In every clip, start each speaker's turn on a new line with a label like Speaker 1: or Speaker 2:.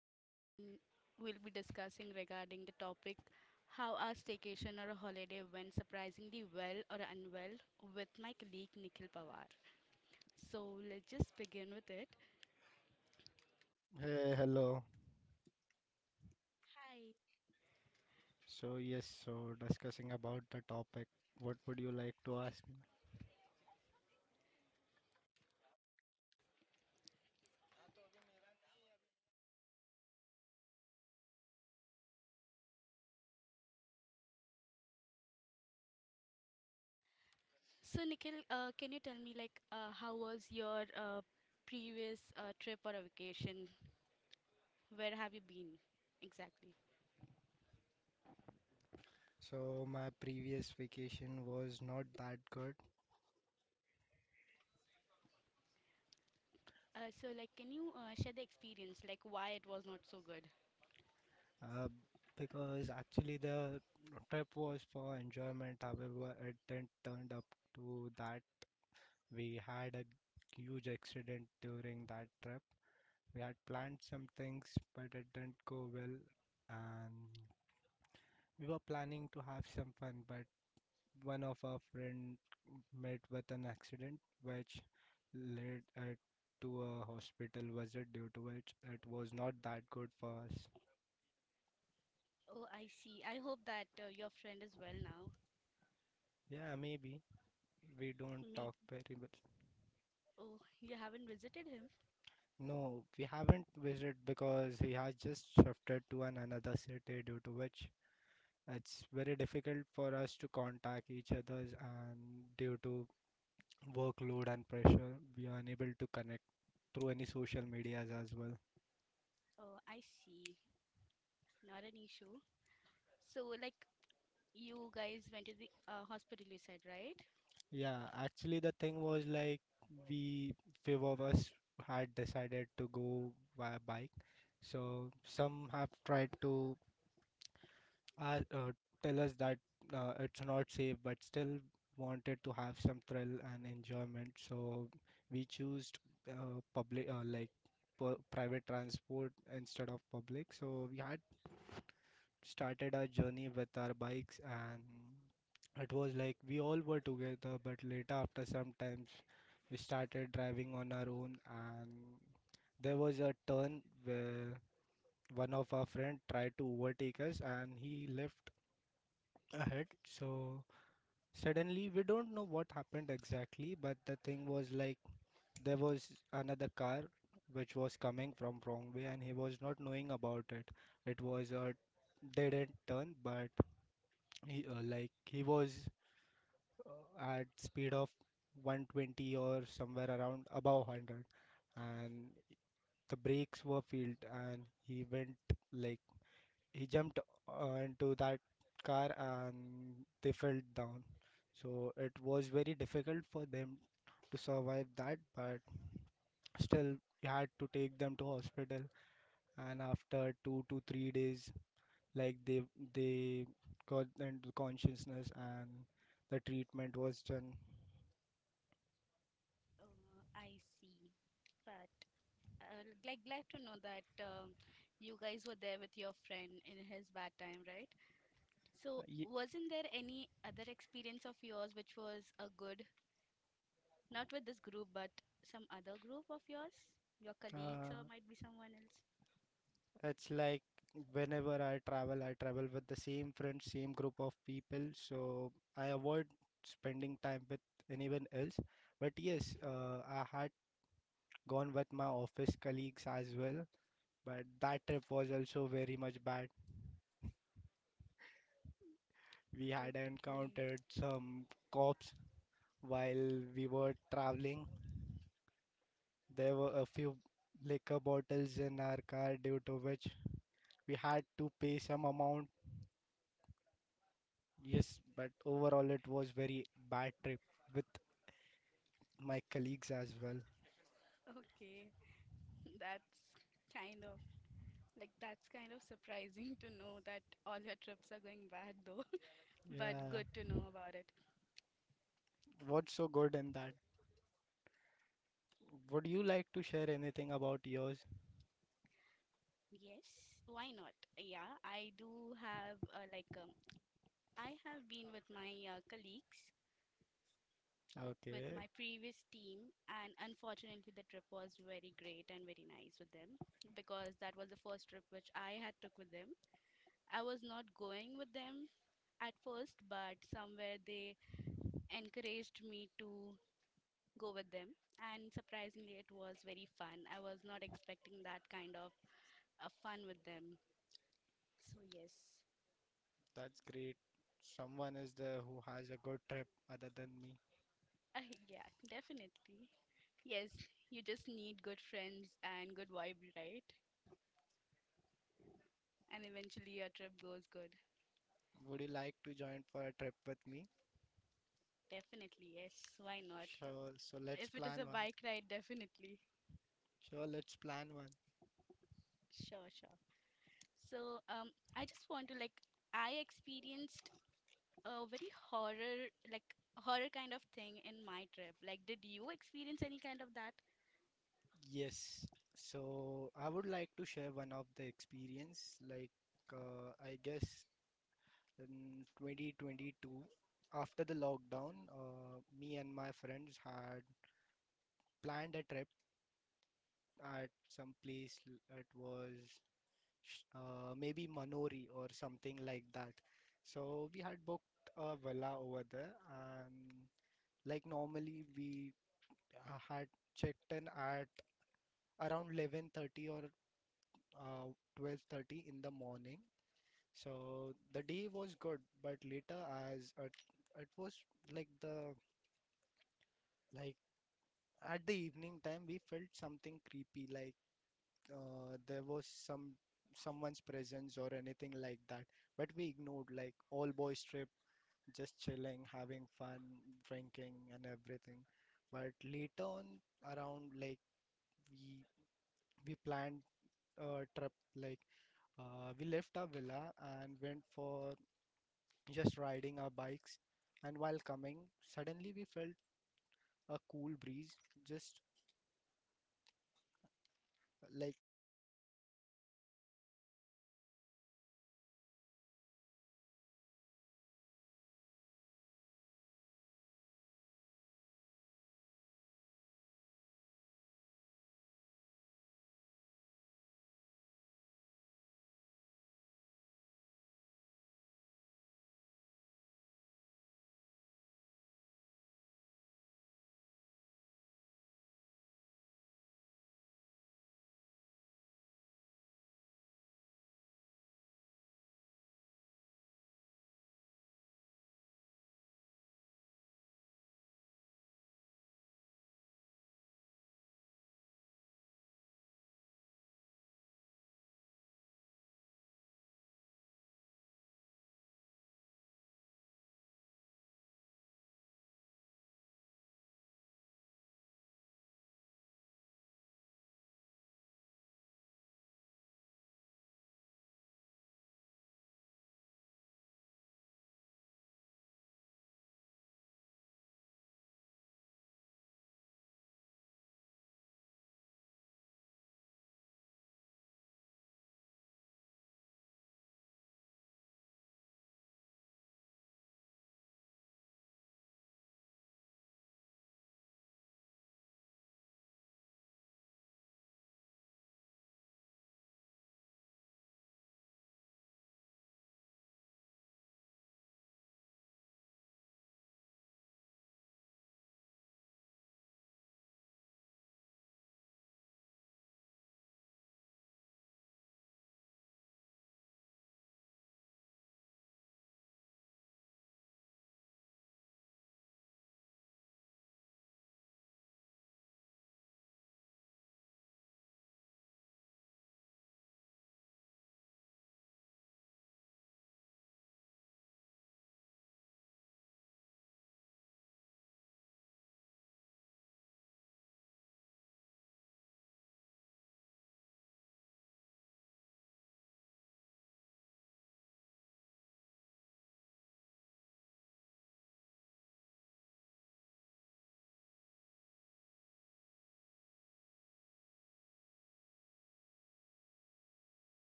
Speaker 1: and I'll will be discussing regarding the topic how a staycation or a holiday went surprisingly well or unwell with my colleague Nikhil Pawar. So let's just begin with it. Hi. So Nikhil, can you tell me how was your previous trip or a vacation? Where have you been exactly? So, like, can you share the experience, like why it was not so good? Oh, I see. I hope that your friend is well now. Maybe. Oh, you haven't visited him? Oh, I see. Not an issue. So, like, you guys went to the hospital, you said, right? Oh, I see. But, like, glad to know that you guys were there with your friend in his bad time, right? So, wasn't there any other experience of yours which was a good, not with this group, but some other group of yours? Your colleagues or might be someone else? Okay. Okay. That's kind of. Like, that's kind of surprising to know that all your trips are going bad, though, but good to know about it. Yes, why not? Yeah, I do have, like, I have been with my colleagues, with my previous team, and unfortunately, the trip was very great and very nice with them because that was the first trip which I had took with them. I was not going with them at first, but somewhere they encouraged me to go with them. And surprisingly, it was very fun. I was not expecting that kind of fun with them. So, yes. Yeah, definitely. Yes, you just need good friends and good vibe, right? And eventually your trip goes good. Definitely, yes. Why not? If it is a bike ride, definitely. Sure, sure. So, I just want to like, I experienced a very horror kind of thing in my trip. Like, did you experience any kind of that?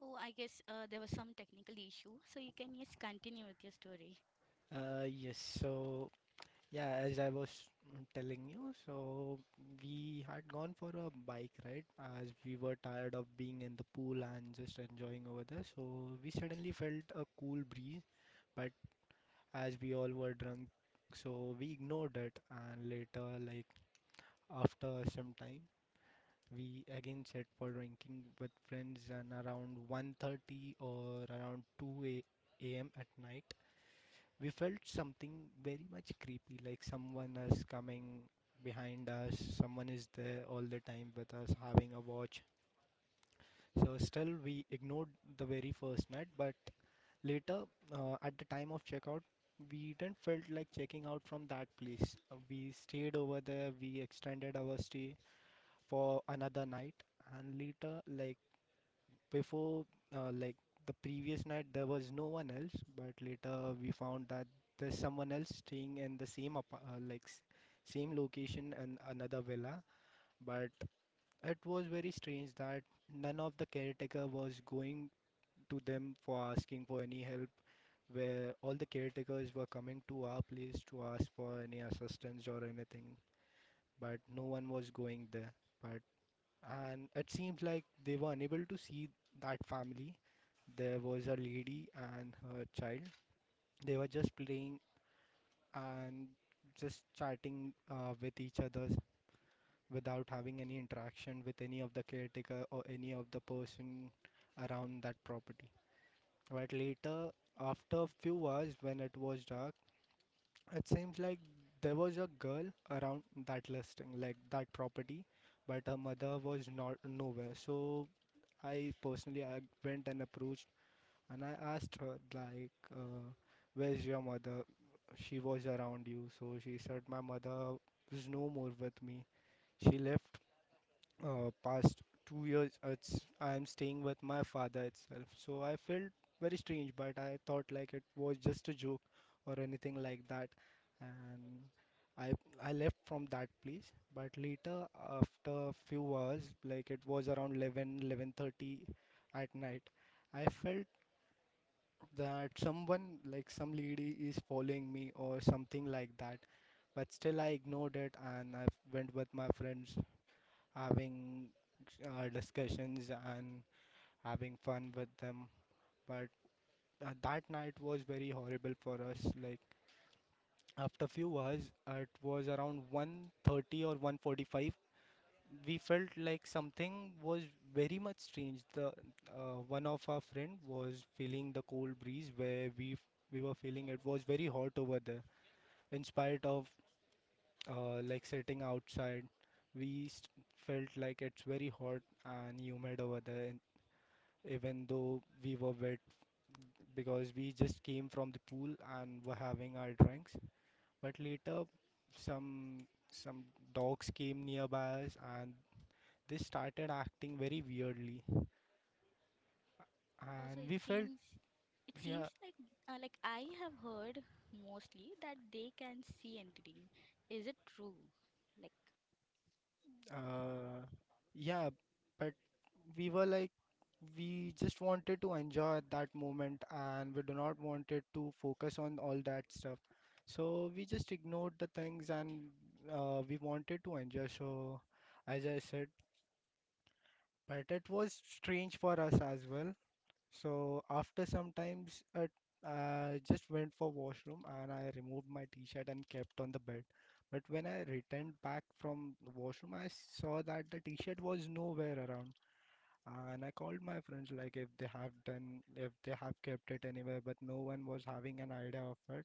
Speaker 1: Oh, I guess there was some technical issue, so you can just continue with your story.
Speaker 2: Yes, so yeah, as I was telling you, so we had gone for a bike ride as we were tired of being in the pool and just enjoying over there. So we suddenly felt a cool breeze, but as we all were drunk, so we ignored it. And later, like after some time, we again set for drinking with friends and around 1:30 or around 2 a.m. at night. We felt something very much creepy, like someone is coming behind us, someone is there all the time with us having a watch. So still we ignored the very first night, but later, at the time of checkout we didn't felt like checking out from that place. We stayed over there, we extended our stay for another night, and later, like before, like the previous night there was no one else, but later we found that there's someone else staying in the same same location and another villa. But it was very strange that none of the caretaker was going to them for asking for any help, where all the caretakers were coming to our place to ask for any assistance or anything, but no one was going there. But and it seems like they were unable to see that family. There was a lady and her child. They were just playing and just chatting with each other without having any interaction with any of the caretaker or any of the person around that property. But later, after a few hours when it was dark, it seems like there was a girl around that listing, like that property, but her mother was not nowhere. So I personally I went and approached and I asked her like, "Where's your mother? She was around you." So she said, "My mother is no more with me. She left past 2 years, it's I'm staying with my father itself." So I felt very strange, but I thought like it was just a joke or anything like that. And i I left from that place, but later, after a few hours, like it was around eleven thirty, at night I felt that someone, like some lady, is following me or something like that. But still I ignored it and I went with my friends having discussions and having fun with them. But that night was very horrible for us. Like after few hours, it was around 1:30 or 1:45. We felt like something was very much strange. The One of our friend was feeling the cold breeze where we were feeling it was very hot over there. In spite of like sitting outside, we st- felt like it's very hot and humid over there, even though we were wet because we just came from the pool and were having our drinks. But later, some some dogs came nearby us, and they started acting very weirdly,
Speaker 1: Also,
Speaker 2: and
Speaker 1: it
Speaker 2: we felt.
Speaker 1: seems it
Speaker 2: Yeah.
Speaker 1: seems like I have heard mostly that they can see entity. Is it true? Like,
Speaker 2: Uh, yeah, but we were like, we just wanted to enjoy that moment and we do not wanted to focus on all that stuff. So we just ignored the things and we wanted to enjoy. So, as I said, but it was strange for us as well. So after some times, I just went for washroom and I removed my t-shirt and kept on the bed. But when I returned back from the washroom, I saw that the t-shirt was nowhere around. And I called my friends like if they have done, if they have kept it anywhere, but no one was having an idea of it.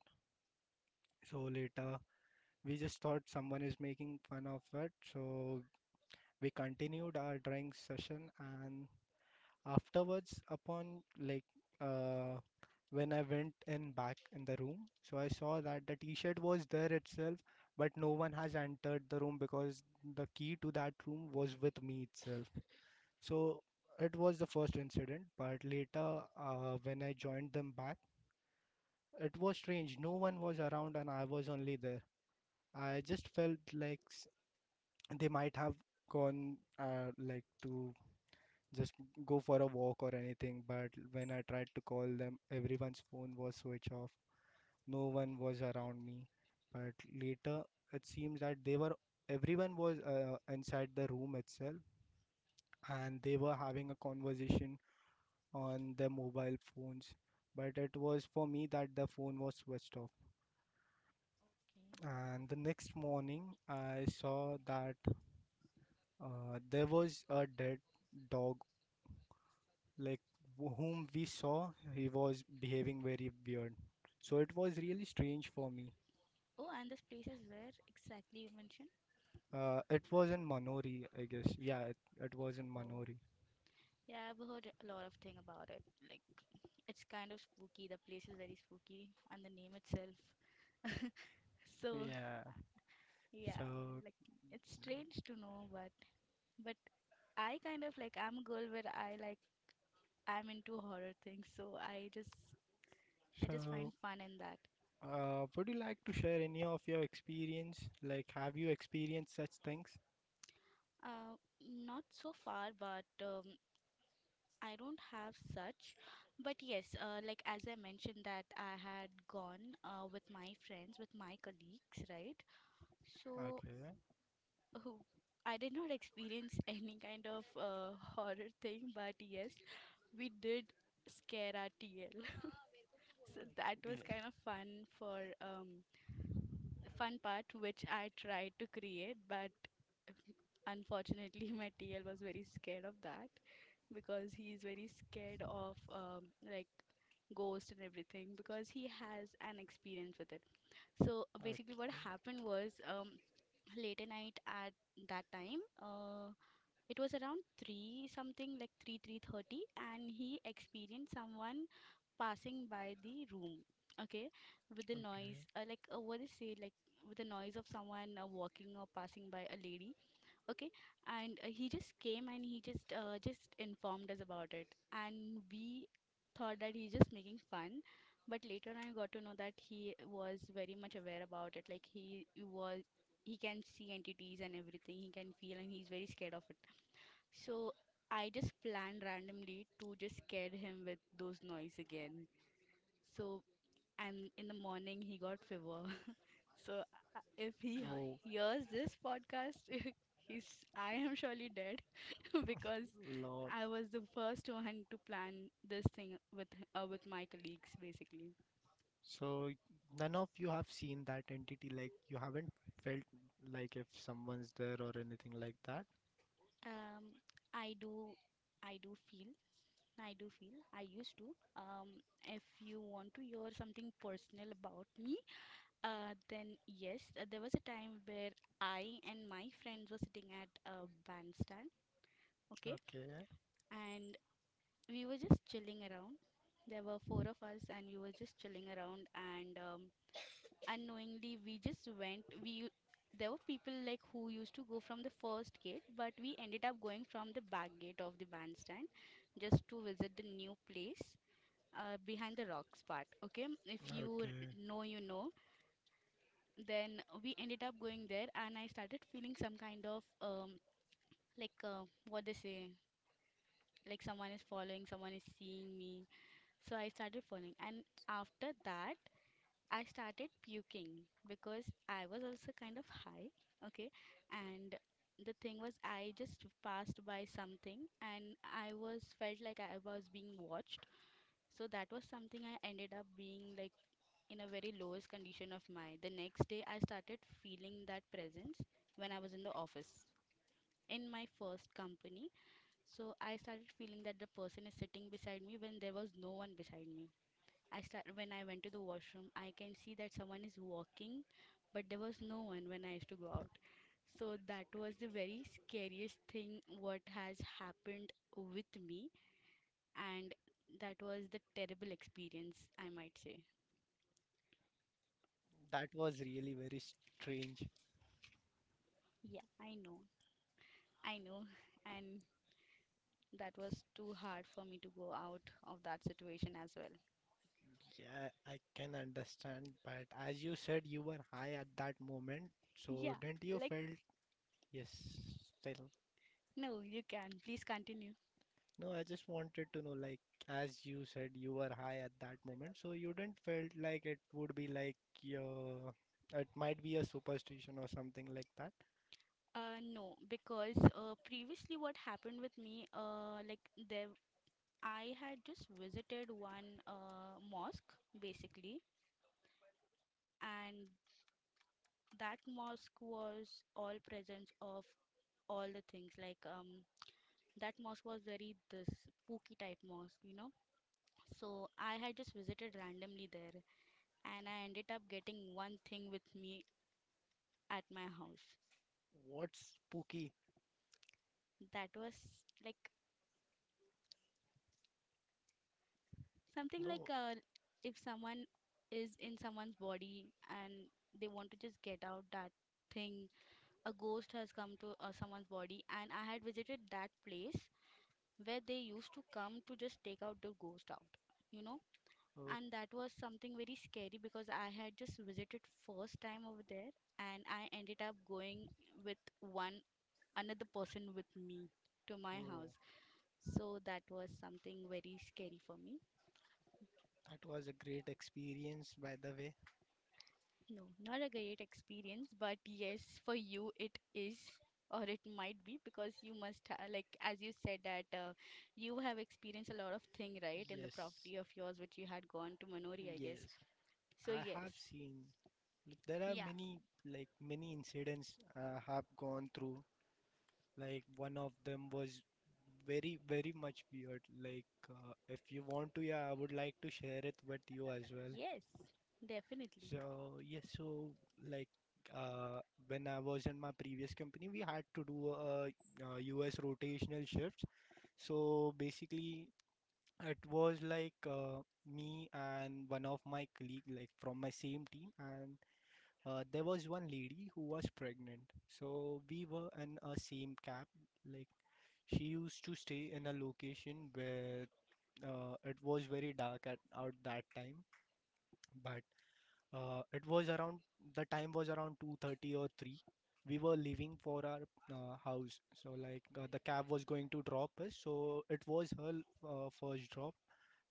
Speaker 2: So later, we just thought someone is making fun of it. So we continued our drawing session and afterwards upon like, uh, when I went in back in the room, so I saw that the t-shirt was there itself, but no one has entered the room because the key to that room was with me itself. So it was the first incident, but later when I joined them back, it was strange. No one was around and I was only there. I just felt like they might have gone, like to just go for a walk or anything. But when I tried to call them, everyone's phone was switched off. No one was around me. But later, it seems that they were everyone was inside the room itself, and they were having a conversation on their mobile phones. But it was for me that the phone was switched off.
Speaker 1: okay.
Speaker 2: And the next morning, I saw that there was a dead dog, like whom we saw he was behaving very weird, so it was really strange for me.
Speaker 1: Oh, and this place is where exactly you mentioned?
Speaker 2: It was in Manori, I guess. Yeah, it was in
Speaker 1: Oh,
Speaker 2: Manori.
Speaker 1: yeah, I've heard a lot of thing about it. Like, it's kind of spooky. The place is very spooky, and the name itself. So,
Speaker 2: Yeah.
Speaker 1: yeah,
Speaker 2: so
Speaker 1: like it's strange to know, but. But I kind of like I'm a girl where I like I'm into horror things, so I just find
Speaker 2: so
Speaker 1: fun in that.
Speaker 2: uh, would you like to share any of your experience, like have you experienced such things?
Speaker 1: Uh, Not so far, but I don't have such. But yes, like as I mentioned that I had gone with my friends, with my colleagues, right? So
Speaker 2: Okay.
Speaker 1: who I did not experience any kind of horror thing, but yes, we did scare our TL. So that was
Speaker 2: Yeah.
Speaker 1: kind of fun for, fun part which I tried to create, but unfortunately my TL was very scared of that because he's very scared of like ghost and everything because he has an experience with it. So basically, what
Speaker 2: Okay.
Speaker 1: happened was late at night at that time it was around 3 something like 3 3:30 and he experienced someone passing by the room. Okay. With the noise what is say like with the noise of someone walking or passing by a lady. Okay. And he just came and he just informed us about it, and we thought that he's just making fun, but later I got to know that he was very much aware about it. Was he can see entities and everything, he can feel, and he's very scared of it. So I just planned randomly to just scare him with those noise again. So, and in the morning he got fever. So, if he
Speaker 2: Oh,
Speaker 1: hears this podcast, he's I am surely dead because
Speaker 2: lord.
Speaker 1: I was the first one to plan this thing with my colleagues basically.
Speaker 2: So none of you have seen that entity, like you haven't felt like if someone's there or anything like that?
Speaker 1: Um, I do, I do feel, I do feel, I used to. If you want to hear something personal about me, then yes, there was a time where I and my friends were sitting at a bandstand. Okay,
Speaker 2: Okay.
Speaker 1: and we were just chilling around. There were four of us, and we were just chilling around. And unknowingly, we just went, we there were people like who used to go from the first gate, but we ended up going from the back gate of the bandstand just to visit the new place. Behind the rocks part, okay. If you
Speaker 2: Okay.
Speaker 1: know, you know. Then we ended up going there, and I started feeling some kind of what they say, like someone is following, someone is seeing me. So I started falling, and after that, I started puking because I was also kind of high. Okay, and the thing was, I just passed by something, and I was felt like I was being watched. So that was something I ended up being like in a very lowest condition of my. The next day, I started feeling that presence when I was in the office. In my first company, so I started feeling that the person is sitting beside me when there was no one beside me. I start when I went to the washroom, I can see that someone is walking, but there was no one when I used to go out. So that was the very scariest thing what has happened with me, and that was the terrible experience, I might say.
Speaker 2: That was really very strange.
Speaker 1: Yeah, I know, and that was too hard for me to go out of that situation as well.
Speaker 2: Yeah, I can understand, but as you said, you were high at that moment, so
Speaker 1: Yeah,
Speaker 2: didn't you
Speaker 1: like
Speaker 2: felt? Yes, still?
Speaker 1: no, you can please continue.
Speaker 2: No, I just wanted to know, like, as you said, you were high at that moment, so you didn't felt like it would be like your, it might be a superstition or something like that.
Speaker 1: No, because previously what happened with me, like there I had just visited one mosque basically, and that mosque was all presence of all the things. Like that mosque was very this spooky type mosque, you know. So I had just visited randomly there, and I ended up getting one thing with me at my house.
Speaker 2: What's spooky?
Speaker 1: That was like something like
Speaker 2: No.
Speaker 1: if someone is in someone's body and they want to just get out that thing. A ghost has come to someone's body, and I had visited that place where they used to come to just take out the ghost out, you know.
Speaker 2: Oh.
Speaker 1: And that was something very scary because I had just visited first time over there, and I ended up going with one another person with me to my
Speaker 2: Oh,
Speaker 1: house. So that was something very scary for me.
Speaker 2: that was a great experience, by the way.
Speaker 1: No, not a great experience, but yes, for you it is, or it might be, because you must ha like as you said that you have experienced a lot of thing, right, in the
Speaker 2: Yes,
Speaker 1: property of yours which you had gone to Manori, I guess.
Speaker 2: yes.
Speaker 1: So
Speaker 2: I have
Speaker 1: yes,
Speaker 2: seen, like there are
Speaker 1: yeah,
Speaker 2: many, like many incidents I have gone through. Like one of them was very very much weird. Like, if you want to, yeah, I would like to share it with you as well.
Speaker 1: yes, definitely.
Speaker 2: So yes, so like, uh, when I was in my previous company, we had to do a, US rotational shifts. So basically, it was like, me and one of my colleague, like from my same team, and there was one lady who was pregnant. So we were in a same cab. Like she used to stay in a location where, it was very dark at out that time, but it was around the time was around 2:30 or 3. We were leaving for our house, so like the cab was going to drop us. So it was her first drop,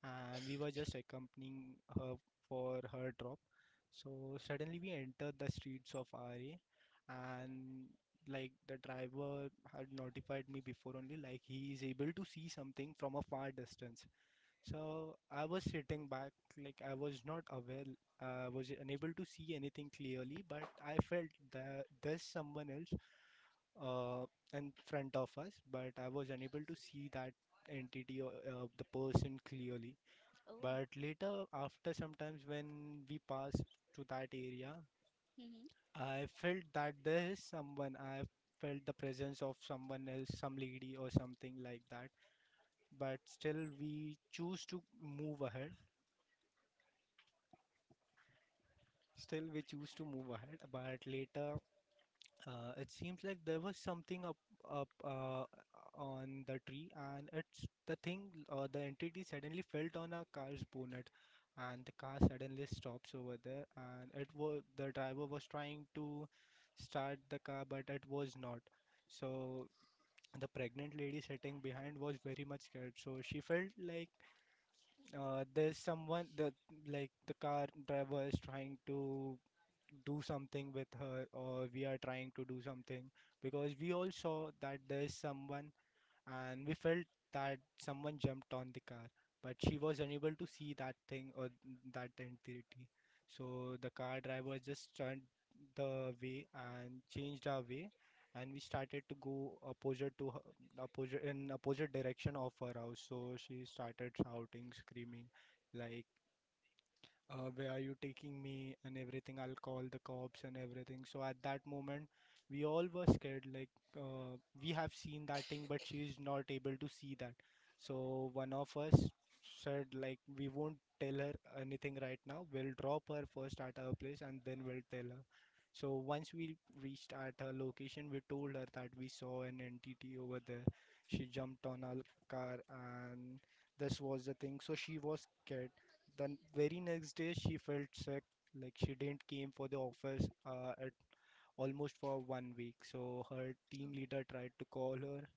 Speaker 2: and we were just accompanying her for her drop. So suddenly we entered the streets of RA, and like the driver had notified me before only, like he is able to see something from a far distance. So I was sitting back, like I was not aware, I was unable to see anything clearly, but I felt that there's someone else uh, in front of us, but I was unable to see that entity or the person clearly.
Speaker 1: Oh,
Speaker 2: But later, after sometimes when we passed to that area,
Speaker 1: mm-hmm.
Speaker 2: I felt that there is someone. I felt the presence of someone else, some lady or something like that. But still, we choose to move ahead. Still, we choose to move ahead, but later it seems like there was something up on the tree, and it's the thing. The entity suddenly felt on our car's bonnet, and the car suddenly stops over there. And it was the driver was trying to start the car, but it was not. So the pregnant lady sitting behind was very much scared. So she felt like, there's someone that, like the car driver is trying to do something with her or we are trying to do something, because we all saw that there's someone, and we felt that someone jumped on the car, but she was unable to see that thing or that entity. So the car driver just turned the way and changed our way, and we started to go opposite to her, opposite in opposite direction of her house. So she started shouting, screaming, like, where are you taking me and everything, I'll call the cops and everything. So at that moment we all were scared, like, uh, we have seen that thing but she's not able to see that. So one of us said like we won't tell her anything right now, we'll drop her first at her place and then we'll tell her. So once we reached at her location, we told her that we saw an entity over there. She jumped on our car, and this was the thing. So she was scared. The very next day, she felt sick. Like she didn't came for the office, at almost for 1 week. So her team leader tried to call her.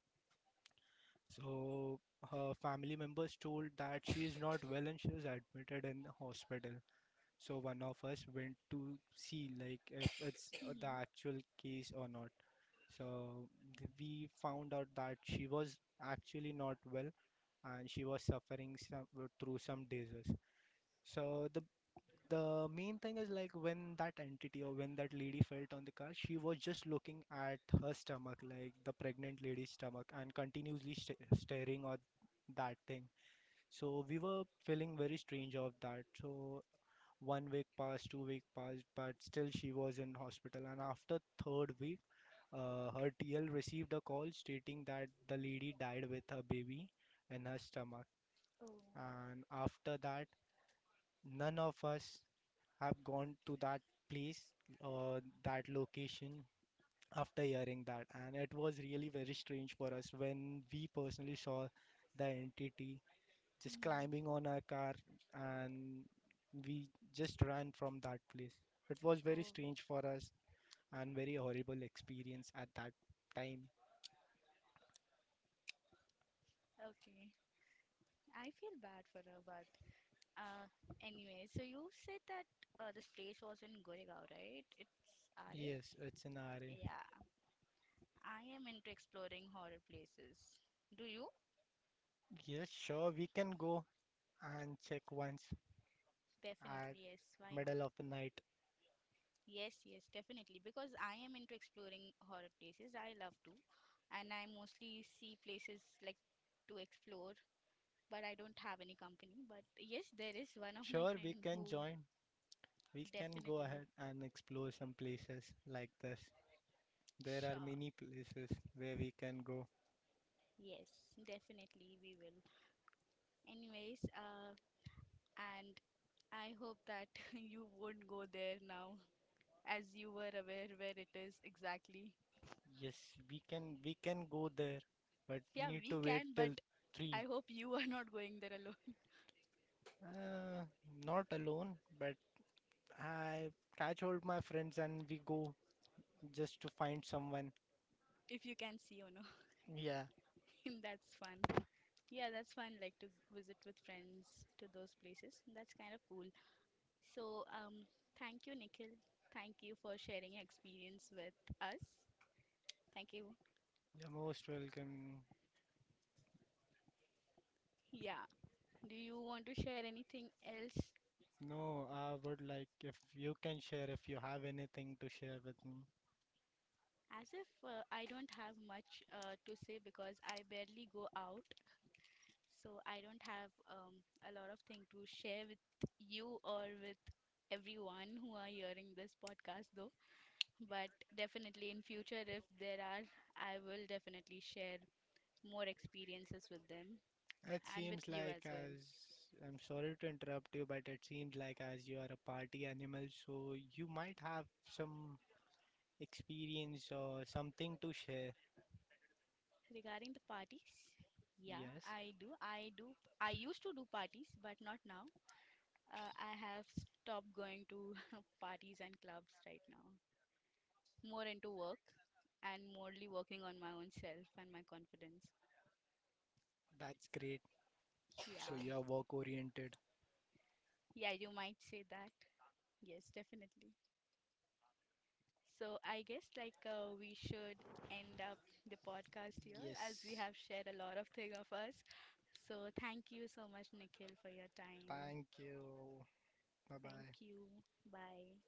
Speaker 2: So her family members told that she is not well and she is admitted in the hospital. So one of us went to see, like if it's the
Speaker 1: Mm-hmm.
Speaker 2: actual case or not. So we found out that she was actually not well and she was suffering some, through some disease. So the main thing is like when that entity or when that lady felt on the car, she was just looking at her stomach, like the pregnant lady's stomach, and continuously st staring at that thing. So we were feeling very strange of that. So 1 week passed, 2 week passed, but still she was in hospital. And after third week, her TL received a call stating that the lady died with her baby in her stomach. And after that, none of us have gone to that place or that location after hearing that. And it was really very strange for us when we personally saw the entity just climbing on our car, and we just ran from that place. It was very
Speaker 1: Oh,
Speaker 2: strange for us, and very horrible experience at that time.
Speaker 1: okay, I feel bad for her, but uh, anyway, so you said that this place was in Goregaon, right? It's Are?
Speaker 2: Yes, it's an RA.
Speaker 1: Yeah. I am into exploring horror places. Do you?
Speaker 2: Yes, sure, we can go and check once
Speaker 1: Definitely,
Speaker 2: at
Speaker 1: yes. Why not?
Speaker 2: middle of the night.
Speaker 1: Yes, yes, definitely. Because I am into exploring horror places. I love to. And I mostly see places like to explore, but I don't have any company. But yes, there is one of my
Speaker 2: Sure, we
Speaker 1: friend
Speaker 2: can
Speaker 1: who
Speaker 2: join. We can go
Speaker 1: definitely
Speaker 2: ahead and explore some places like this. There are
Speaker 1: sure.
Speaker 2: many places where we can go.
Speaker 1: Yes, definitely we will. Anyways, and I hope that you won't go there now, as you were aware where it is exactly.
Speaker 2: Yes, we can go there, but we
Speaker 1: Yeah,
Speaker 2: need
Speaker 1: we
Speaker 2: to wait
Speaker 1: can, but
Speaker 2: till
Speaker 1: I
Speaker 2: three.
Speaker 1: hope you are not going there alone.
Speaker 2: Uh, Not alone, but I catch hold my friends and we go just to find someone.
Speaker 1: If you can see or no,
Speaker 2: Yeah,
Speaker 1: that's fun. Yeah, that's fun. Like to visit with friends to those places. That's kind of cool. So, thank you, Nikhil. Thank you for sharing your experience with us. Thank you.
Speaker 2: you're most welcome.
Speaker 1: Yeah. Do you want to share anything else?
Speaker 2: No, I would like if you can share if you have anything to share with me.
Speaker 1: As if I don't have much to say because I barely go out. So I don't have a lot of thing to share with you or with everyone who are hearing this podcast though. But definitely in future, if there are, I will definitely share more experiences with them
Speaker 2: It
Speaker 1: and with
Speaker 2: seems
Speaker 1: you
Speaker 2: like
Speaker 1: as well.
Speaker 2: as I'm sorry to interrupt you, but it seems like as you are a party animal, so you might have some experience or something to share.
Speaker 1: Regarding the parties, yeah,
Speaker 2: Yes,
Speaker 1: I do. I do. I used to do parties, but not now. I have stopped going to parties and clubs right now. More into work and morely working on my own self and my confidence.
Speaker 2: that's great.
Speaker 1: Yeah,
Speaker 2: So you are work oriented.
Speaker 1: yeah, you might say that. Yes, definitely. So I guess like we should end up the podcast here as we
Speaker 2: Yes.
Speaker 1: have shared a lot of thing of us. So thank you so much, Nikhil, for your time.
Speaker 2: Thank you. Bye
Speaker 1: Thank
Speaker 2: bye.
Speaker 1: you. Bye.